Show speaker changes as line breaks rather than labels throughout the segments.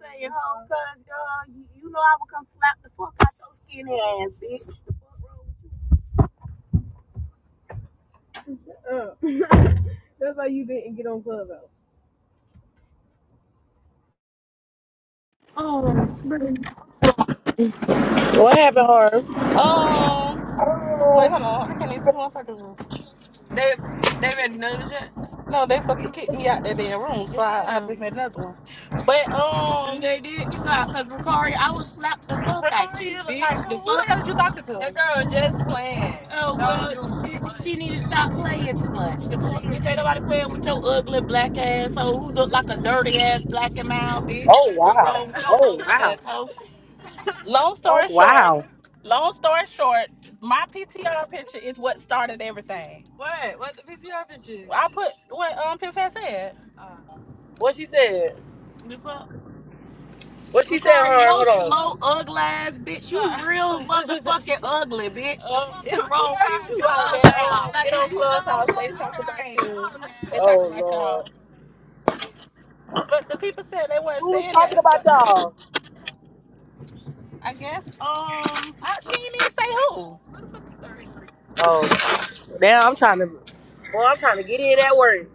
saying, home, cuz, girl, you, you know I would come slap the fuck out your skinny ass, bitch.
What happened, Harv?
Wait, hold on. I can't even see what I do. They they ready to know this shit? No, they fucking kicked me out that damn room, so I, I Damn. just made another one. But um, They did kick out because Ricari, I would slap the fuck out Ricari, you, like bitch. like, who? The Who the fuck? hell is you talking That to? That girl just playing. Oh well, doing too it- much. she need to stop playing too much. The fuck, bitch, ain't nobody playing with your ugly black ass hoe who look like a dirty ass black and mild bitch.
Oh
The
wow.
wrong with your
Oh
ugly
wow.
ass hoe? Long
Oh
story short.
wow.
Long story short, my PTR picture is what started everything. What? What the PTR picture? I put what um PFS said.
What she said?
The fuck?
What she said,
Ricari,
Harv?
yo
Hold
slow
on.
ugly ass bitch. You real motherfucking ugly bitch. Um, it's wrong girl, with you you? so Like They don't know Clubhouse. They talk about right. you. They talk
Oh
about
Lord.
y'all. But the people said they weren't
Who was
saying
talking
that. So
about y'all?
I guess um, I, she didn't even say who.
Oh. Now I'm trying to Well, I'm trying to get in that word.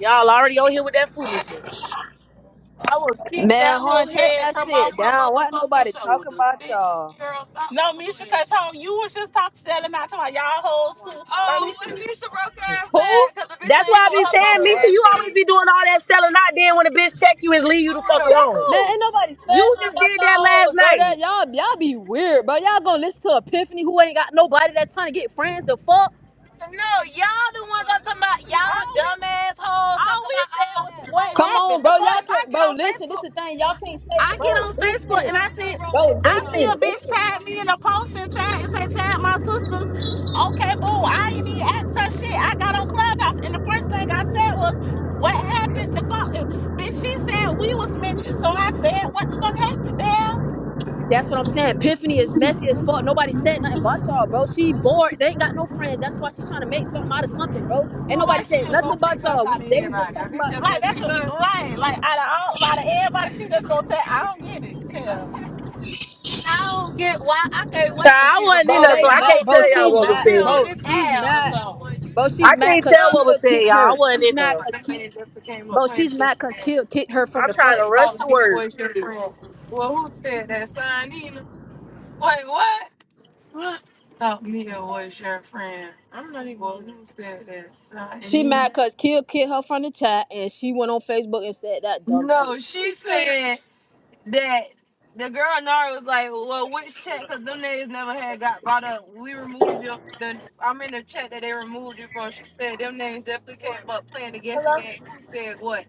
Y'all already on here with that foolishness.
I will kick that
Man,
whole
Harn, take
head
that
from off
shit
her
down. Why ain't
motherfucking
nobody talking
shoulders,
about
bitch.
y'all?
Girl, stop No, doing Misha, that. cause home, you was just talking selling out to my y'all hoes too. Like Oh, Misha, what Misha Misha broke ass said?
Who?
Cause the bitch
That's
ain't
why
here
I be
with her
saying,
broke
Misha,
ass
you always
said.
be doing all that selling out then when a bitch check you is leave you the fuck alone.
Man, ain't nobody saying
You
nothing
just
about
did that
y'all
last
hoes, bro.
night.
That y'all y'all be weird, bro. Y'all gonna listen to Epiphany who ain't got nobody that's trying to get friends the fuck?
No, y'all the ones that talking about y'all dumbass hoes all talking we about said oh was what
Come on,
happened. The
bro.
fuck
Y'all
if I
can't
get
bro,
on
listen, this
Facebook.
the thing. Y'all can't say,
I get
bro,
on Facebook
listen.
and I see
Bro,
I see a
listen,
bitch
listen.
tag me in a post and tag and say tag my sisters. Okay, boo, I ain't even asked her shit. I got on Clubhouse and the first thing I said was, "What happened?" The phone, uh, bitch. She said we was mentioned, so I said, "What the fuck happened?" Damn.
That's what I'm saying. Epiphany is messy as fuck. Nobody said nothing about y'all, bro. She bored. They ain't got no friends. That's why she trying to make something out of something, bro.
So
Ain't nobody
why she
said
just
nothing
gonna
about
pick
y'all.
us
We,
out of
they were just
everybody?
talking
Bitch
about.
just like gonna that's pick a, us? right. Like out of all, out of everybody, she just gonna tag. I don't get it. Yeah. I don't get why I can't
Child,
wait to
I
see
wasn't in
Bro,
there,
Ricari.
so
they
I
I
mad.
can't
hope
Bro,
this
tell
she
y'all
whole
what
up
was
mad.
here on
Bro,
said.
this
she's
app or
mad.
something.
Bro, she's
I
mad
can't
cause
tell
Kill
what
Fuck.
was said,
That
kicked
y'all. I
never
her.
wasn't
She's
in
mad
came
there.
up.
cause
That
Kill.
man just came up
Bro,
playing
she's
against
mad cause
me.
Kill kicked
Who
her
said
from
I'm
the
trying
what?
to
fucking
rush
Oh,
the
chat,
me
word.
bro.
was your friend. Well, who said that? Son, Wait, what? What? Thought Mia was your friend. I'm not even who said that. Son,
She mad cause Kill kicked her from the chat and she went on Facebook and said that dumb shit.
No, she said. that the girl Nara was like, "Well, which check? Cause them niggas never had got brought up. We removed your. The, I'm in the check that they removed you from." She said, "Them names definitely came up playing against the game." Who said what?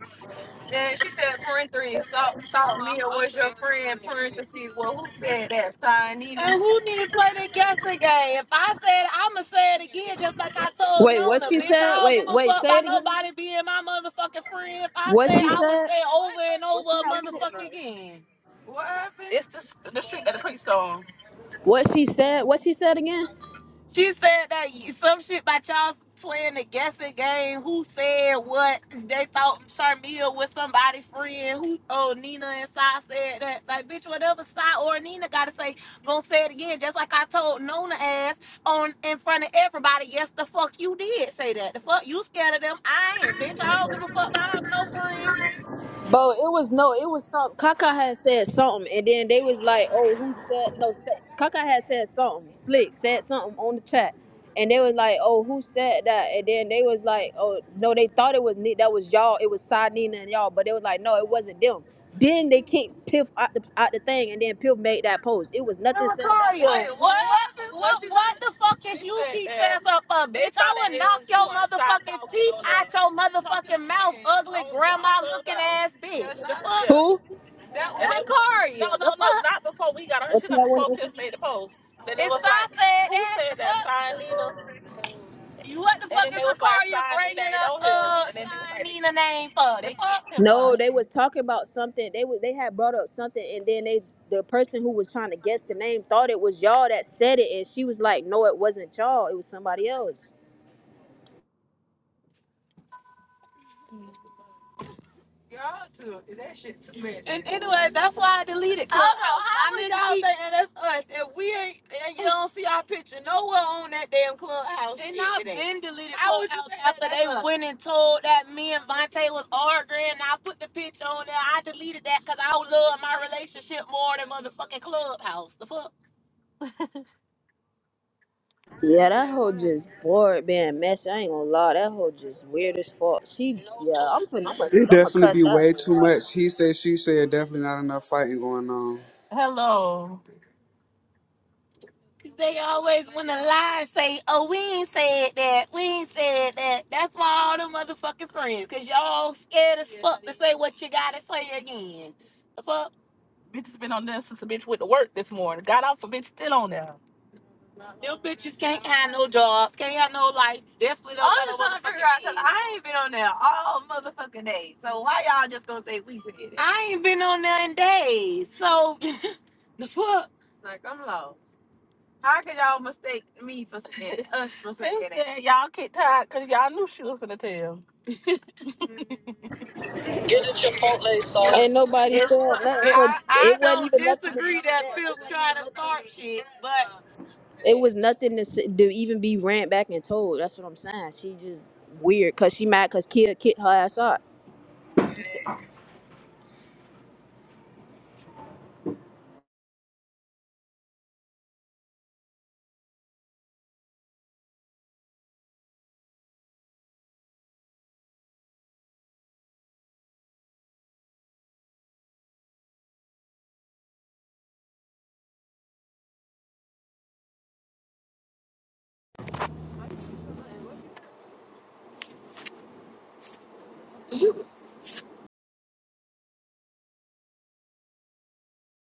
And she said, parentheses, so, thought Mia was your friend, parentheses. Well, who said that? Sign Nina. And who need to play the guessing game? If I said it, I'ma say it again, just like I told
Wait, what
Nona,
she
bitch.
said?
I don't give
Wait,
a
wait,
fuck
say
by
it again.
nobody being my motherfucking friend. If I
What
say it,
she
I would
said?
say it over and
What she
over a
had with it?
motherfucking again. What happened? It's the, the street that the creek song.
What she said? What she said again?
She said that y- some shit about y'all playing the guessing game. Who said what? They thought Sharmia was somebody's friend. Who? Oh, Nina and Sai said that. Like, bitch, whatever Sai or Nina gotta say, gonna say it again. Just like I told Nona ass on in front of everybody. Yes, the fuck you did say that. The fuck you scared of them? I ain't, bitch. I don't give a fuck. I have no friends.
Bro, it was no, it was some. Kaka had said something, and then they was like, "Oh, who said no?" Said, Kaka had said something. Slick said something on the chat, and they was like, "Oh, who said that?" And then they was like, "Oh, no, they thought it was Ne- that was y'all. It was Sai Nina and y'all, but they was like, no, it wasn't them." Then they kicked Piff out the, out the thing, and then Piff made that post. It was nothing said about
Lucario.
that.
Wait, what? What, what, what the fuck is you keep fast up of, bitch? I would knock your motherfucking teeth out your motherfucking mouth, ugly grandma looking ass bitch. The fuck?
Who?
Ricario. No, no, no, not before we got her.
What
She
you
got before
like?
Piff made the post. Then it was like, said who said that? Sign You what the fuck is they was like, bringing up uh, And then they was like, Sign Nina name for? The They fuck? keep him from
No,
it.
they was talking about something. They was they had brought up something, and then they the person who was trying to guess the name thought it was y'all that said it, and she was like, "No, it wasn't y'all. It was somebody else."
Y'all did that shit too much. And it, oh, no, how I was y'all keep, thinking that's us? And, and you don't see And I've been deleted Clubhouse after they went and told that me and Vontae was arguing. And I put the picture on there. I deleted that because I love my relationship more than motherfucking Clubhouse. The fuck?
Yeah, that
man?
hoe
What?
just bored being messy. I ain't gonna lie, that hoe just weird as fuck. She, yeah, I'm finna, I'm a,
It
I'm a
definitely
cuss
be
that
way
hoe
too
out.
much. He said, she said, definitely not enough fighting going on.
Hello. Oh, we ain't said that. We ain't said that. That's why all them is Yes, fuck to say. The fuck? Bitch has been on there since the bitch went to work this morning. Got off a bitch still on there. Definitely don't I'm just no trying to figure out because I ain't been on there all motherfucking days. So why y'all just gonna say we said it? I ain't been on there in days. So the fuck. Like I'm lost. How could y'all mistake me for saying us for They saying it? said y'all get tired because y'all knew she was gonna tell.
Get the Chipotle sauce. Ain't nobody
It's,
said nothing for.
I, I
It wasn't
don't
even nothing to be
disagree that
said. It
Phil's
wasn't
trying
even
to
nothing.
start shit, but
It was nothing to, s- to even be ran back and told. That's what I'm saying. She just weird because she mad because Kia kicked her ass out.